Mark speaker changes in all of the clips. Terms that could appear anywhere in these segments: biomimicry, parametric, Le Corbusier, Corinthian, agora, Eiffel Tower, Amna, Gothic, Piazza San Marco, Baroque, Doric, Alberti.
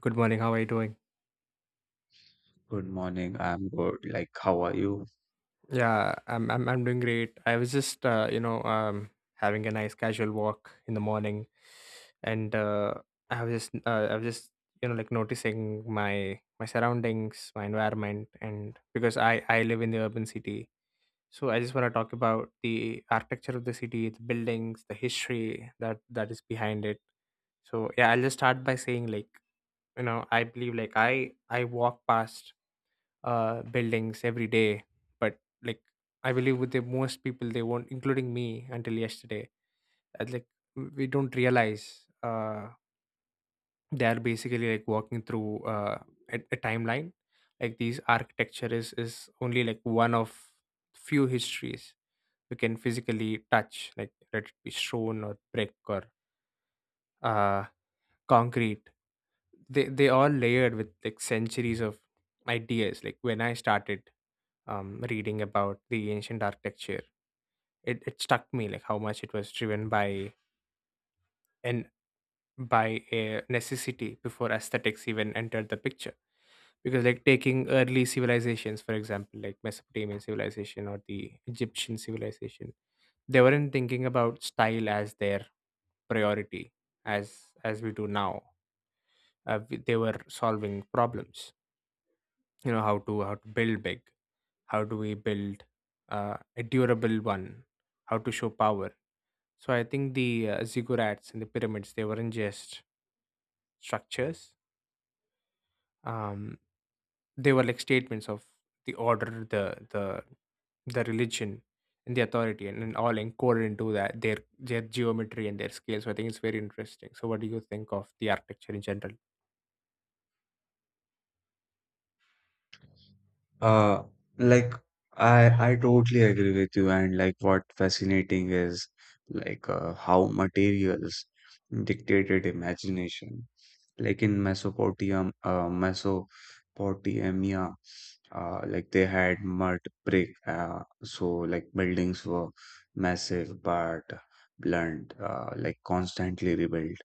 Speaker 1: Good morning. How are you doing?
Speaker 2: Good morning. I'm good. How are you?
Speaker 1: Yeah, I'm doing great. I was just having a nice casual walk in the morning, and I was just like noticing my surroundings, my environment, and because I live in the urban city, so I just want to talk about the architecture of the city, the buildings, the history that is behind it. So yeah, I'll just start by saying like I believe like I walk past buildings every day. But like I believe with the most people, they won't, including me, until yesterday. That like we don't realize they are basically like walking through a timeline. Like these architecture is only like one of few histories we can physically touch, like let it be stone or brick or uh, concrete. They all layered with like centuries of ideas. Like when I started reading about the ancient architecture, it struck me like how much it was driven and by a necessity before aesthetics even entered the picture. Because like taking early civilizations, for example, like Mesopotamian civilization or the Egyptian civilization, they weren't thinking about style as their priority as we do now. They were solving problems. You know how to build big, how do we build a durable one, how to show power. So I think the ziggurats and the pyramids they weren't just structures. Um, they were like statements of the order, the the religion and the authority, and, all encoded into that their geometry and their scale. So I think it's very interesting. So what do you think of the architecture in general?
Speaker 2: Uh, like, I totally agree with you. What fascinating is how materials dictated imagination. Like in Mesopotamia, like they had mud brick. So like buildings were massive but blunt, like constantly rebuilt.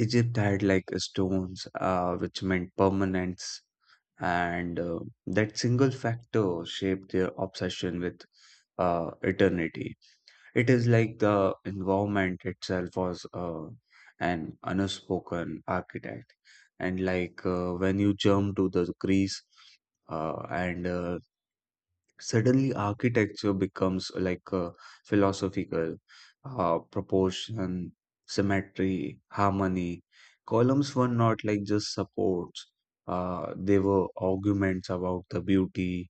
Speaker 2: Egypt had like stones, which meant permanence and that single factor shaped their obsession with eternity. It is like the environment itself was an unspoken architect, and like when you jump to the Greece and Suddenly, architecture becomes like a philosophical proportion, symmetry, harmony. Columns were not like just supports, they were arguments about the beauty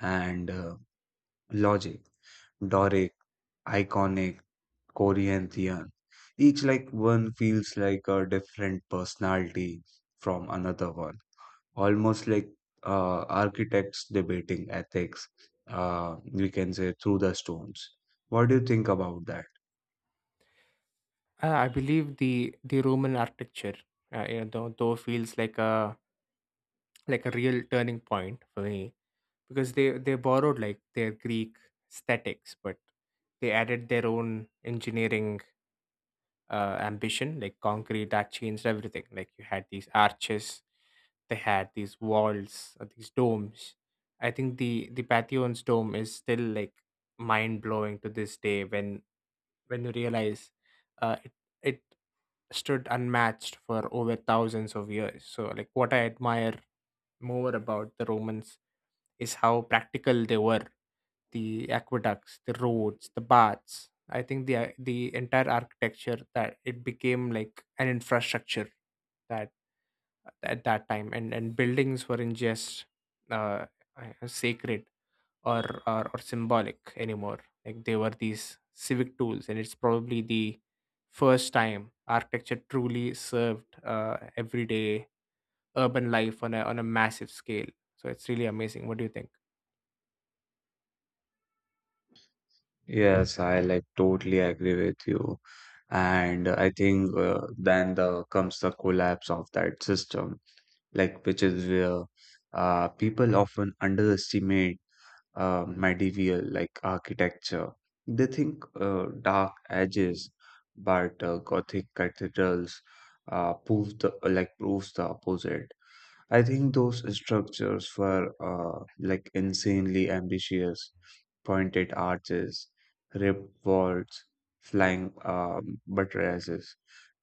Speaker 2: and logic. Doric, iconic, Corinthian. Each like one feels like a different personality from another one almost like architects debating ethics, we can say through the stones. What do you think about that?
Speaker 1: I believe the Roman architecture, you know, though feels like a real turning point for me because they borrowed like their Greek aesthetics, but they added their own engineering ambition, like concrete that changed everything. Like you had these arches, they had these walls or these domes. I think the Pantheon's dome is still like mind blowing to this day, when you realize uh, it it stood unmatched for over thousands of years. So like what I admire more about the Romans is how practical they were. The aqueducts, the roads, the baths. I think the entire architecture that it became like an infrastructure that at that time, and buildings weren't just sacred or, or symbolic anymore. Like they were these civic tools, and it's probably the first time architecture truly served everyday urban life on a massive scale. So it's really amazing. What do you think?
Speaker 2: Yes, I like totally agree with you. And I think then the comes the collapse of that system, like which is where people often underestimate medieval, like architecture. They think dark edges, but Gothic cathedrals proves the opposite. I think those structures were like insanely ambitious, pointed arches, ripped walls, flying buttresses,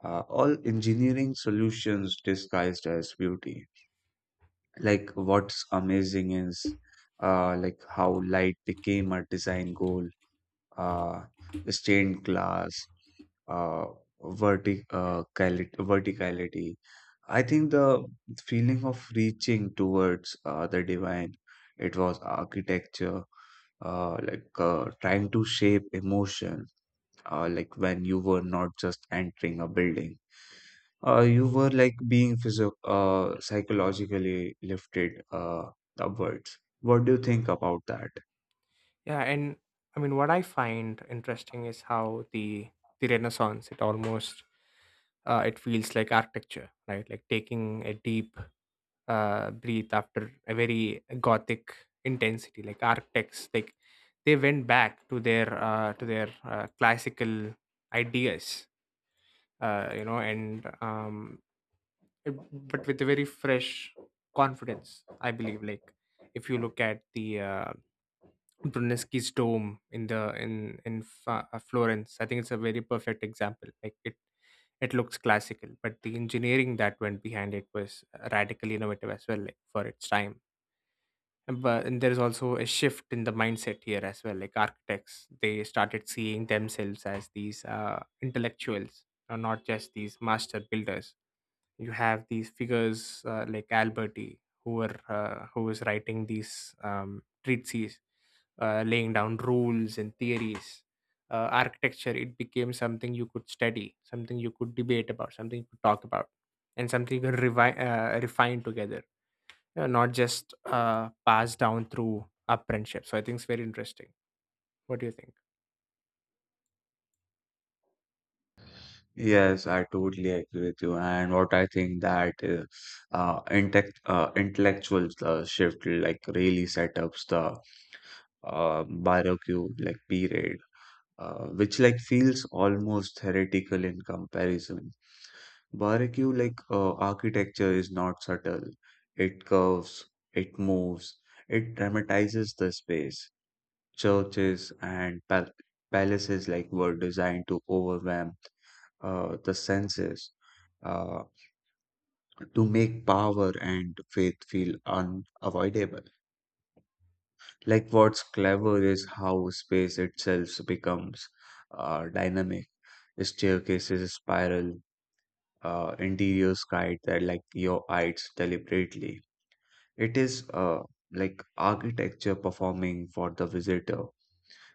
Speaker 2: all engineering solutions disguised as beauty. Like what's amazing is like how light became a design goal uh stained glass, uh verticality. I think the feeling of reaching towards the divine, it was architecture trying to shape emotion, like when you were not just entering a building, you were like being physio psychologically lifted upwards. What do you think about that?
Speaker 1: Yeah, and I mean, what I find interesting is how the Renaissance it almost it feels like architecture, right? Like taking a deep breath after a very Gothic intensity. Like architects, like they went back to their classical ideas, you know, but with a very fresh confidence, I believe. Like if you look at the Brunelleschi's dome in the in Fa- Florence. I think it's a very perfect example. Like it looks classical, but the engineering that went behind it was radically innovative as well, like for its time. And there is also a shift in the mindset here as well. Like architects, they started seeing themselves as these intellectuals, and not just these master builders. You have these figures like Alberti, who was writing these treatises, laying down rules and theories. Architecture it became something you could study, something you could debate about, something you could talk about, and something you could refine together, you know, not just passed down through apprenticeship. So I think it's very interesting. What do you think?
Speaker 2: Yes, I totally agree with you. And what I think that intect intellectual shift like really set ups the barbecue like period, which like feels almost heretical in comparison. Barbecue like architecture is not subtle. It curves, it moves, it dramatizes the space. Churches and palaces like were designed to overwhelm the senses, uh, to make power and faith feel unavoidable. Like what's clever is how space itself becomes dynamic. Staircases spiral, interiors guide that like your eyes deliberately. It is like architecture performing for the visitor,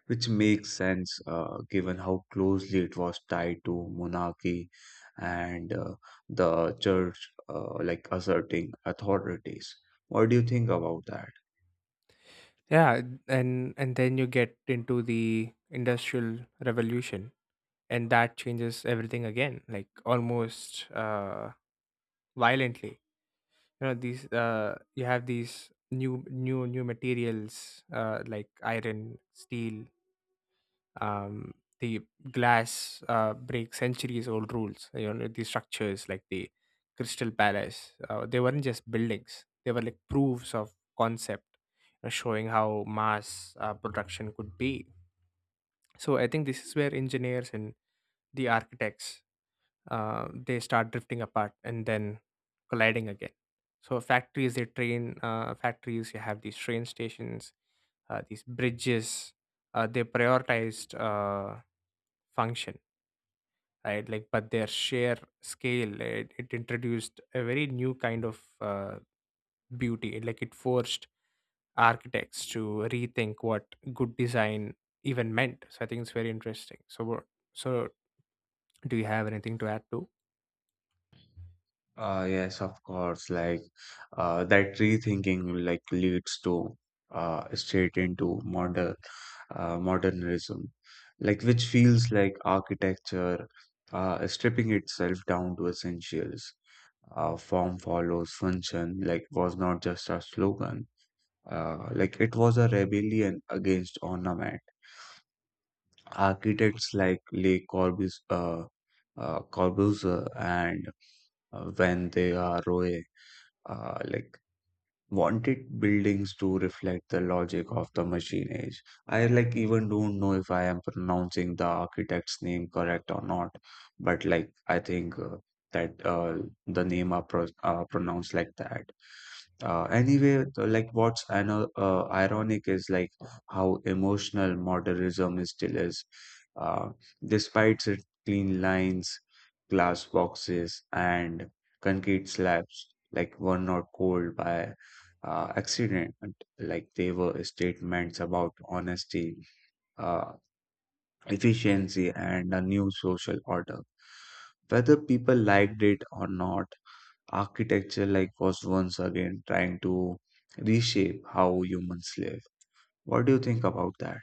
Speaker 2: which makes sense given how closely it was tied to monarchy and the church, like asserting authorities. What do you think about that?
Speaker 1: Yeah, and then you get into the industrial revolution, and that changes everything again, like almost violently. You know, these you have these new materials like iron, steel, um, the glass, break centuries old rules. You know, these structures like the Crystal Palace, they weren't just buildings, they were like proofs of concept, showing how mass production could be. So I think this is where engineers and the architects, they start drifting apart and then colliding again. So factories, you have these train stations, these bridges, they prioritized function, right? Like, but their sheer scale it introduced a very new kind of beauty. Like it forced architects to rethink what good design even meant. So I think it's very interesting. So do you have anything to add to?
Speaker 2: Yes, of course. That rethinking like leads to straight into modernism, like which feels like architecture stripping itself down to essentials. Form follows function. Like was not just a slogan. Like it was a rebellion against ornament. Architects like Corbusier and when they are Roy, like wanted buildings to reflect the logic of the machine age. I like even don't know if I am pronouncing the architect's name correct or not, but like I think that the name are pronounced like that. Anyway, the- like what's ano ironic is like how emotional modernism is still is, uh, despite its clean lines, glass boxes, and concrete slabs, like were not cold by accident. Like they were statements about honesty, uh, efficiency, and a new social order. Whether people liked it or not, architecture like was once again trying to reshape how humans live. What do you think about that?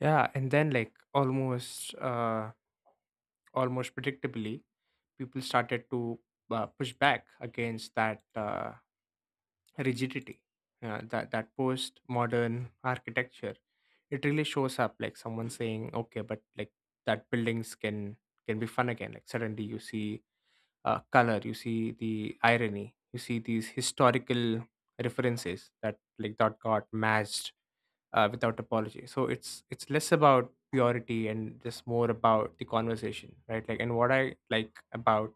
Speaker 1: Yeah, and then like almost predictably, people started to push back against that rigidity. That post modern architecture, it really shows up like someone saying, okay, but like that buildings can be fun again. Like suddenly you see color, you see the irony, you see these historical references that that got matched without apology. So it's less about purity and just more about the conversation, right? Like, and what I like about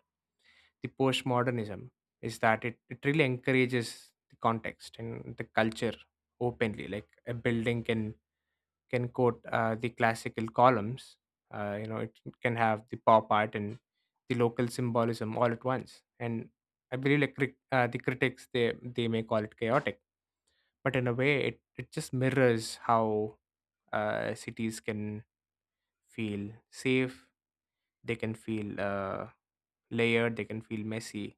Speaker 1: the postmodernism is that it really encourages the context and the culture openly. Like a building can quote the classical columns. You know, it can have the pop art and the local symbolism all at once. And I believe like the critics, they may call it chaotic, but in a way, it just mirrors how cities can feel safe. They can feel layered. They can feel messy.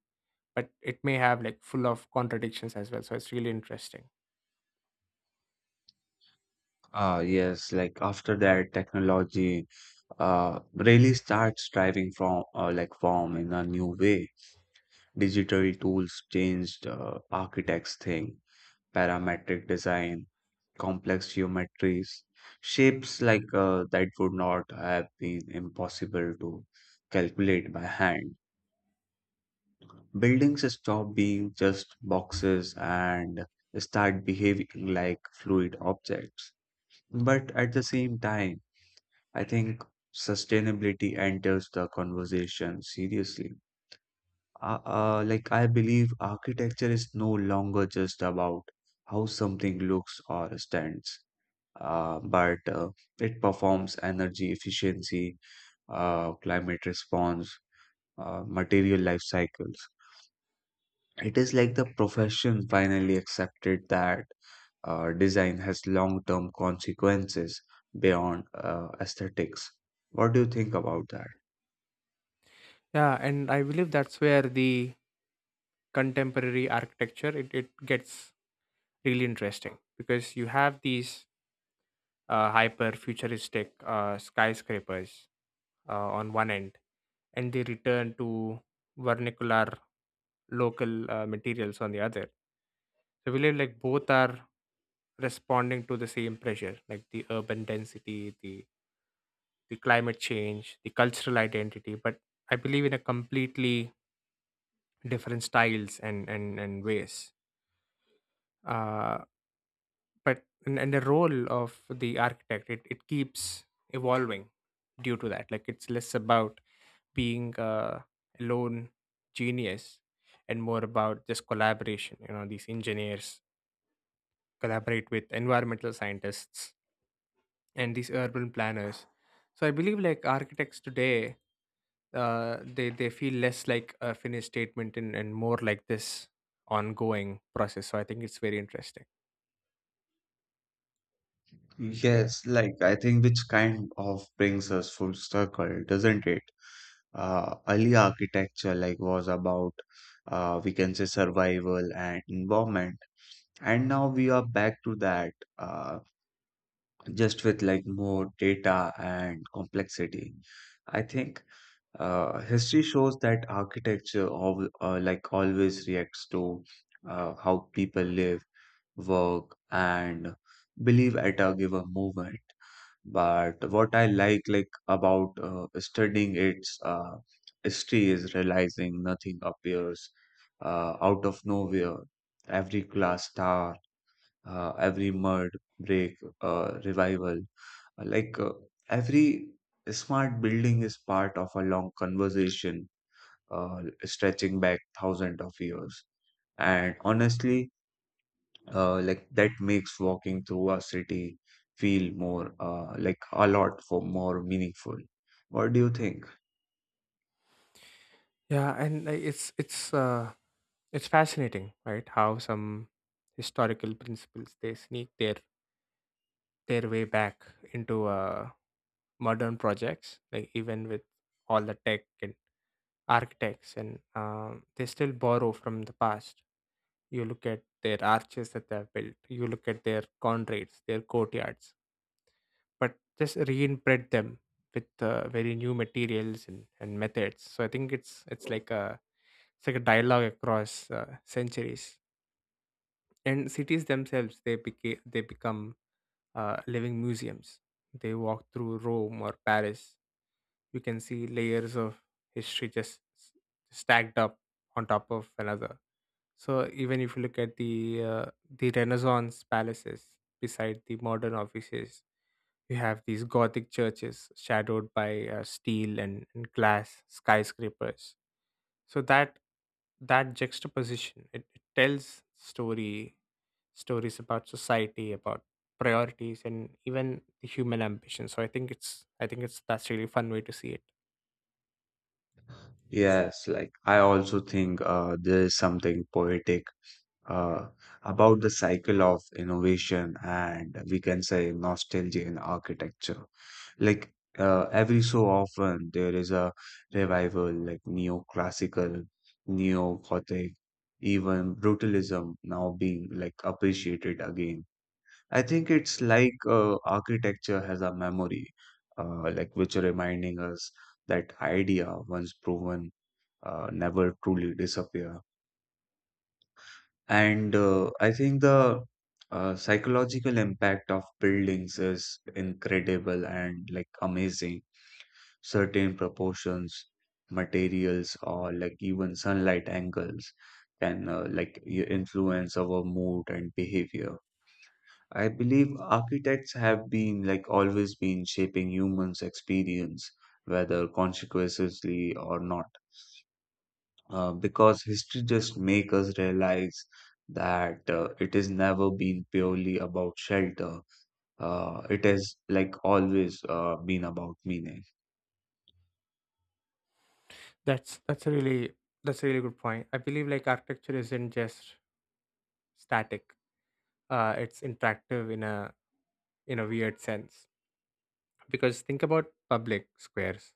Speaker 1: But it may have like full of contradictions as well. So it's really interesting.
Speaker 2: Yes, like after that, technology really starts driving from like form in a new way. Digital tools changed architects' thing, parametric design, complex geometries, shapes like that would not have been impossible to calculate by hand. Buildings stop being just boxes and start behaving like fluid objects. But at the same time, I think sustainability enters the conversation seriously. I believe architecture is no longer just about how something looks or stands, but it performs energy efficiency, climate response, material life cycles. It is like the profession finally accepted that design has long term consequences beyond aesthetics. What do you think about that?
Speaker 1: Yeah, and I believe that's where the contemporary architecture, it gets really interesting, because you have these hyper futuristic skyscrapers on one end, and they return to vernacular local materials on the other. So we live like both are responding to the same pressure, like the urban density, the climate change, the cultural identity, but I believe in a completely different styles and and ways. Uh, but And, the role of the architect, it keeps evolving due to that. Like it's less about being a lone genius and more about just collaboration. You know, these engineers collaborate with environmental scientists and these urban planners. So I believe like architects today, they feel less like a finished statement, and, more like this ongoing process. So I think it's very interesting.
Speaker 2: Yes, like I think which kind of brings us full circle, doesn't it? Early architecture like was about, we can say, survival and environment. And now we are back to that, uh, just with like more data and complexity. I think history shows that architecture al like always reacts to how people live, work, and believe at a given moment. But what I like about studying its history is realizing nothing appears out of nowhere. Every glass tower, every mud break, revival. Like every smart building is part of a long conversation stretching back thousands of years. And honestly, like that makes walking through a city feel more like a lot for more meaningful. What do you think?
Speaker 1: Yeah, and it's fascinating, right? How some historical principles, they sneak their way back into modern projects, like even with all the tech and architects, and they still borrow from the past. You look at their arches that they have built. You look at their conrads, their courtyards. But just reinterpret them with very new materials and, methods. So I think it's like a dialogue across uh, centuries. And cities themselves, they become living museums. They walk through Rome or Paris. You can see layers of history just stacked up on top of another. So even if you look at the Renaissance palaces beside the modern offices, you have these Gothic churches shadowed by steel and, glass skyscrapers. So that juxtaposition, it tells story stories about society, about priorities, and even the human ambition. So I think it's that's really fun way to see it.
Speaker 2: Yes, like I also think there is something poetic uh, about the cycle of innovation and, we can say, nostalgia in architecture. Like every so often, there is a revival, like neoclassical, neo-gothic, even brutalism now being like appreciated again. I think it's like architecture has a memory, like which reminding us that idea once proven never truly disappear. And I think the psychological impact of buildings is incredible and like amazing. Certain proportions, materials, or like even sunlight angles can influence our mood and behavior. I believe architects have been like always been shaping humans' experience, whether consciously or not, because history just make us realize that it has never been purely about shelter. It has like always been about meaning.
Speaker 1: that's that's a really that's a really good point. I believe like architecture isn't just static. It's interactive in a weird sense, because think about public squares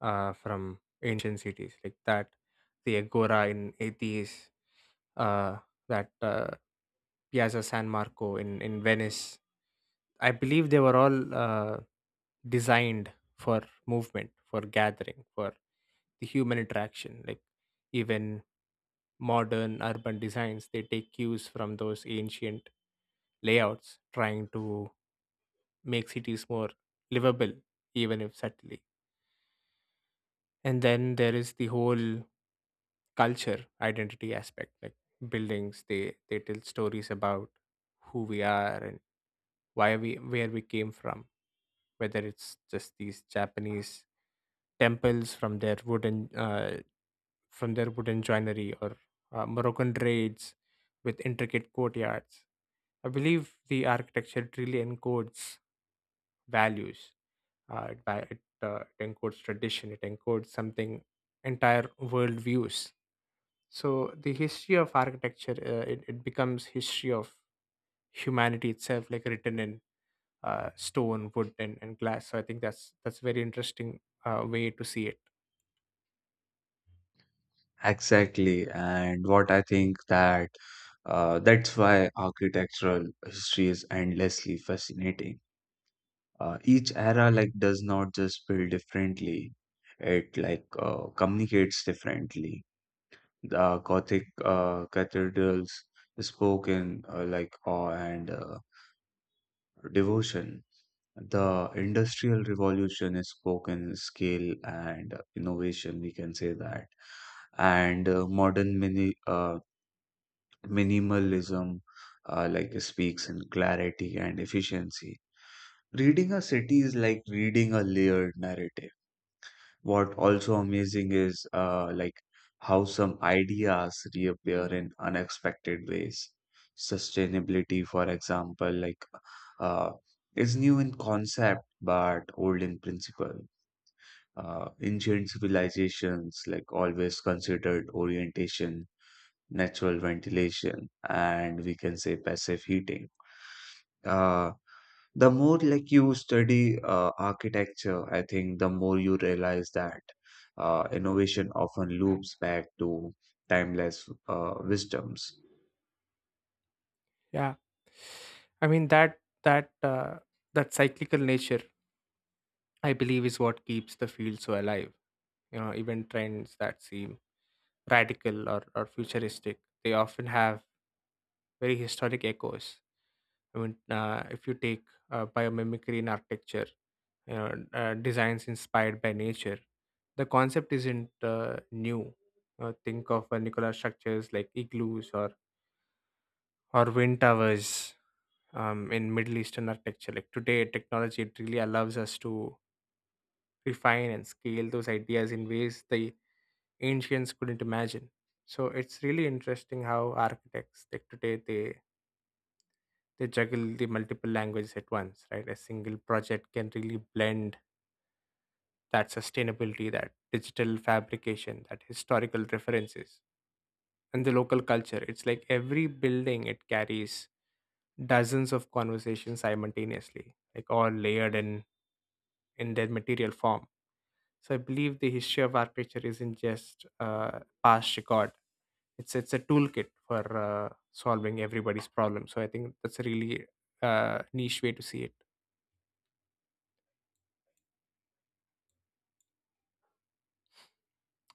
Speaker 1: from ancient cities like that the agora in Athens, uh that Piazza San Marco in, Venice. I believe they were all designed for movement, for gathering, for the human interaction. Like even modern urban designs, they take cues from those ancient layouts, trying to make cities more livable, even if subtly. And then there is the whole culture identity aspect, like buildings. They tell stories about who we are and why we where we came from, whether it's just these Japanese temples from their wooden joinery, or Moroccan raids with intricate courtyards. I believe the architecture really encodes values. It encodes tradition, it encodes something entire worldviews. So the history of architecture, it becomes history of humanity itself, like written in stone, wood, and, glass. So I think that's a very interesting way to see it.
Speaker 2: Exactly, and what I think that that's why architectural history is endlessly fascinating. Each era like does not just build differently; it like communicates differently. The Gothic cathedrals spoke in like awe and devotion. The Industrial Revolution spoke in scale and innovation, we can say that. And modern minimalism like speaks in clarity and efficiency. Reading a city is like reading a layered narrative. What also amazing is like how some ideas reappear in unexpected ways. Sustainability, for example, like uh, is new in concept but old in principle. Ancient civilizations like always considered orientation, natural ventilation, and, we can say, passive heating. Uh, the more like you study architecture, I think the more you realize that innovation often loops back to timeless wisdoms.
Speaker 1: Yeah, I mean that cyclical nature, I believe, is what keeps the field so alive. You know, even trends that seem radical or futuristic, they often have very historic echoes. I mean, if you take biomimicry in architecture, designs inspired by nature, the concept isn't new. Think of Nicola structures like igloos or wind towers in Middle Eastern architecture. Like today, technology it really allows us to refine and scale those ideas in ways the ancients couldn't imagine. So it's really interesting how architects like today they juggle the multiple languages at once, right? A single project can really blend that sustainability, that digital fabrication, that historical references, and the local culture. It's like every building it carries dozens of conversations simultaneously, like all layered in their material form. So I believe the history of architecture isn't just a past record. It's a toolkit for solving everybody's problem. So I think that's a really niche way to see it.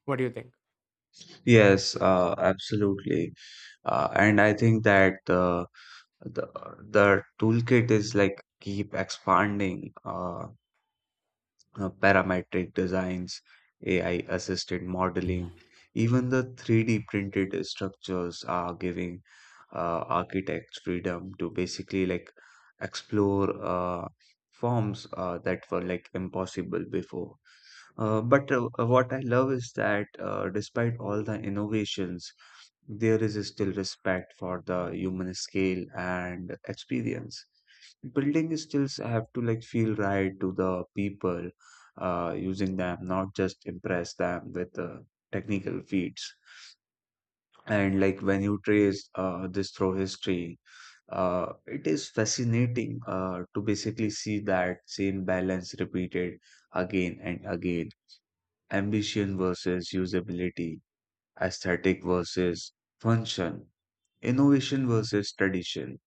Speaker 1: What do you think?
Speaker 2: Yes, absolutely. And I think that the the toolkit is like keep expanding. Parametric designs, AI assisted modeling, even the 3D printed structures are giving architects freedom to basically like explore forms that were like impossible before. But what I love is that despite all the innovations, there is still respect for the human scale and experience. Building skills have to like feel right to the people using them, not just impress them with technical feats. And like when you trace this through history, it is fascinating to basically see that same balance repeated again and again: ambition versus usability, aesthetic versus function, innovation versus tradition,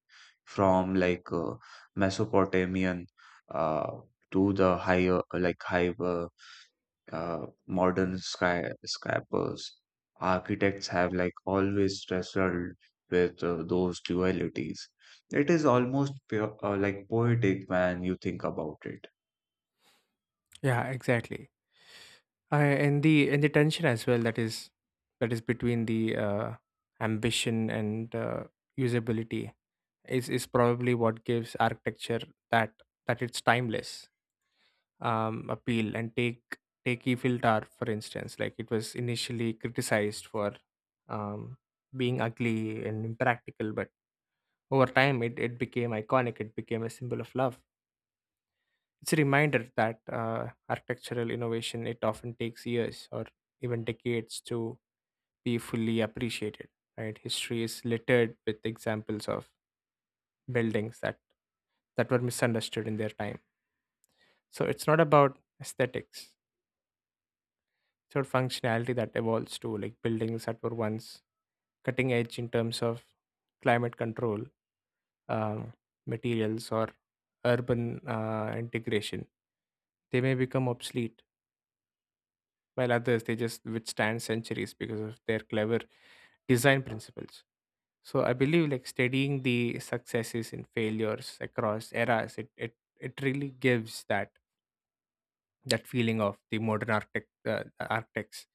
Speaker 2: from like Mesopotamian uh, to the higher like high modern sky skyscrapers. Architects have like always wrestled with those dualities. It is almost pure, like poetic when you think about it.
Speaker 1: Yeah, exactly. I and the tension as well that is between the ambition and usability is probably what gives architecture that that it's timeless appeal. And take Eiffel Tower for instance. Like, it was initially criticized for um, being ugly and impractical, but over time it became iconic. It became a symbol of love. It's a reminder that architectural innovation it often takes years or even decades to be fully appreciated. Right? History is littered with examples of buildings that were misunderstood in their time. So it's not about aesthetics. It's about functionality that evolves too, like buildings that were once cutting edge in terms of climate control, um, materials, or urban integration. They may become obsolete while others they just withstand centuries because of their clever design principles. So I believe like studying the successes and failures across eras, it really gives that that feeling of the modern architect architects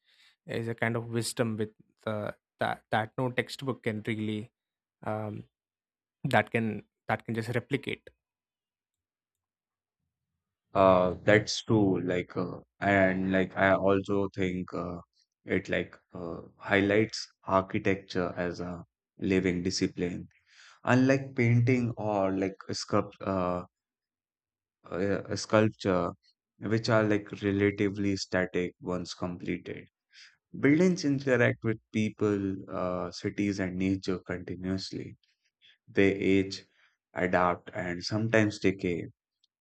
Speaker 1: is a kind of wisdom with the that no textbook can really um, that can just replicate.
Speaker 2: That's true. I also think it highlights architecture as a living discipline. Unlike painting or like sculpture, which are like relatively static once completed. Buildings interact with people, cities, and nature continuously. They age, adapt, and sometimes decay,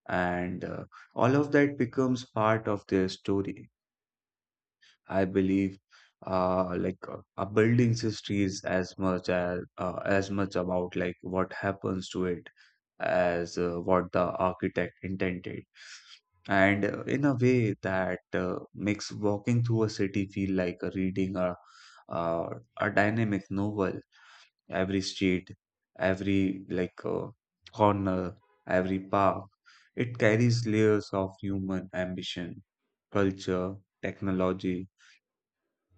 Speaker 2: and all of that becomes part of their story. I believe, a building's history is as much about like what happens to it as what the architect intended, and in a way that makes walking through a city feel like reading uh, a dynamic novel. Every street, every corner, every park. It carries layers of human ambition, culture, technology,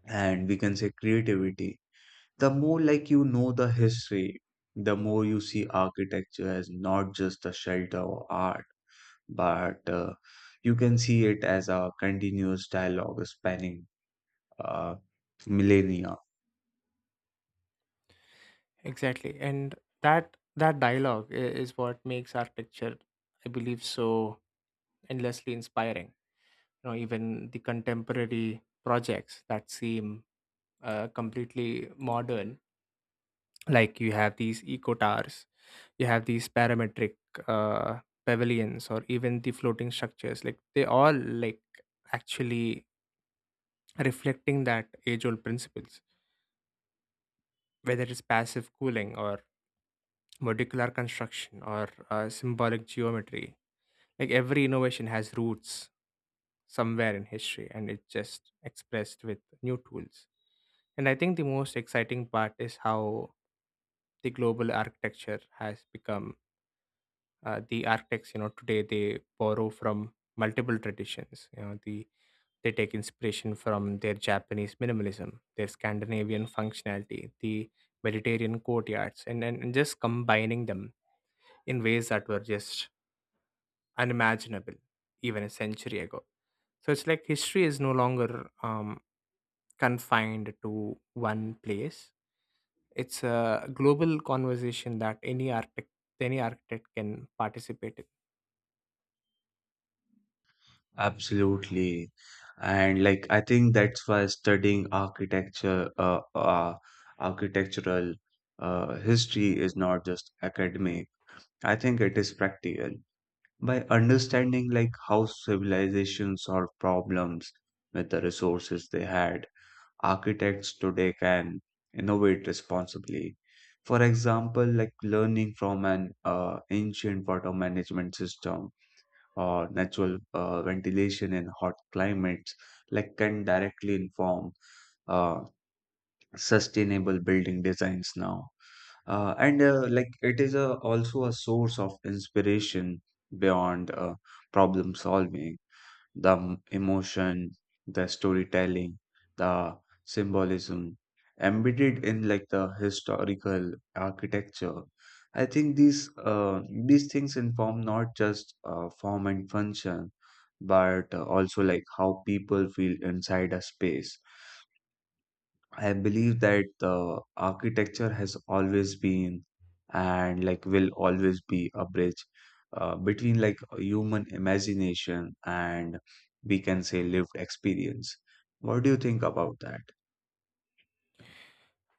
Speaker 2: and, we can say, creativity. The more like you know the history, the more you see architecture as not just a shelter or art, but you can see it as a continuous dialogue spanning uh, millennia.
Speaker 1: Exactly. And that that dialogue is what makes architecture, I believe, so endlessly inspiring. You know, even the contemporary projects that seem completely modern, like you have these eco towers, you have these parametric uh, pavilions, or even the floating structures, like they all like actually reflecting that age old principles, whether it's passive cooling or modular construction or symbolic geometry. Like every innovation has roots somewhere in history and it's just expressed with new tools. And I think the most exciting part is how the global architecture has become. The architects, you know, today they borrow from multiple traditions. You know, the they take inspiration from their Japanese minimalism, their Scandinavian functionality, the Mediterranean courtyards, and just combining them in ways that were just unimaginable even a century ago. So it's like history is no longer confined to one place. It's a global conversation that any architect can participate in.
Speaker 2: Absolutely. And like I think that's why studying architecture architectural history is not just academic. I think it is practical. By understanding like how civilizations solve problems with the resources they had, architects today can innovate responsibly. For example, like learning from an ancient water management system or natural ventilation in hot climates, like can directly inform uh, sustainable building designs now. And like it is a, also a source of inspiration beyond problem solving: the emotion, the storytelling, the symbolism embedded in like the historical architecture. I think these things inform not just form and function, but also like how people feel inside a space. I believe that the architecture has always been and like will always be a bridge between like human imagination and, we can say, lived experience. What do you think about that?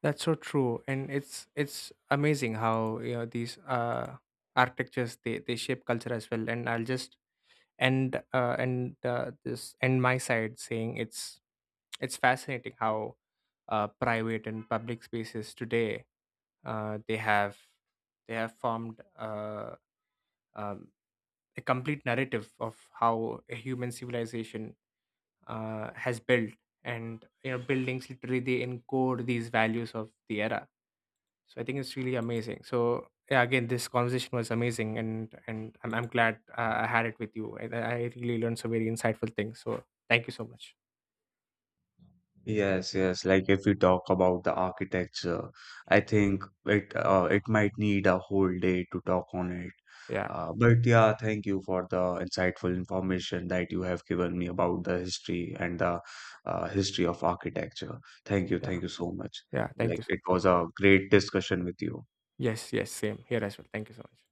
Speaker 1: That's so true, and it's amazing how, you know, these architectures they shape culture as well. And I'll just end my side saying it's fascinating how private and public spaces today uh, they have they have formed um, a complete narrative of how a human civilization has built. And, you know, buildings literally they encode these values of the era. So I think it's really amazing. So yeah, again, this conversation was amazing, and I'm glad I had it with you. I I really learned some very insightful things, so thank you so much.
Speaker 2: Yes, yes. Like if we talk about the architecture, I think it might need a whole day to talk on it.
Speaker 1: Yeah,
Speaker 2: But yeah, thank you for the insightful information that you have given me about the history and the history of architecture.
Speaker 1: yeah.
Speaker 2: Thank you so much.
Speaker 1: Yeah, thank
Speaker 2: Like
Speaker 1: you so
Speaker 2: it
Speaker 1: much.
Speaker 2: was a great discussion with you.
Speaker 1: Yes, yes, same here as well. Thank you so much.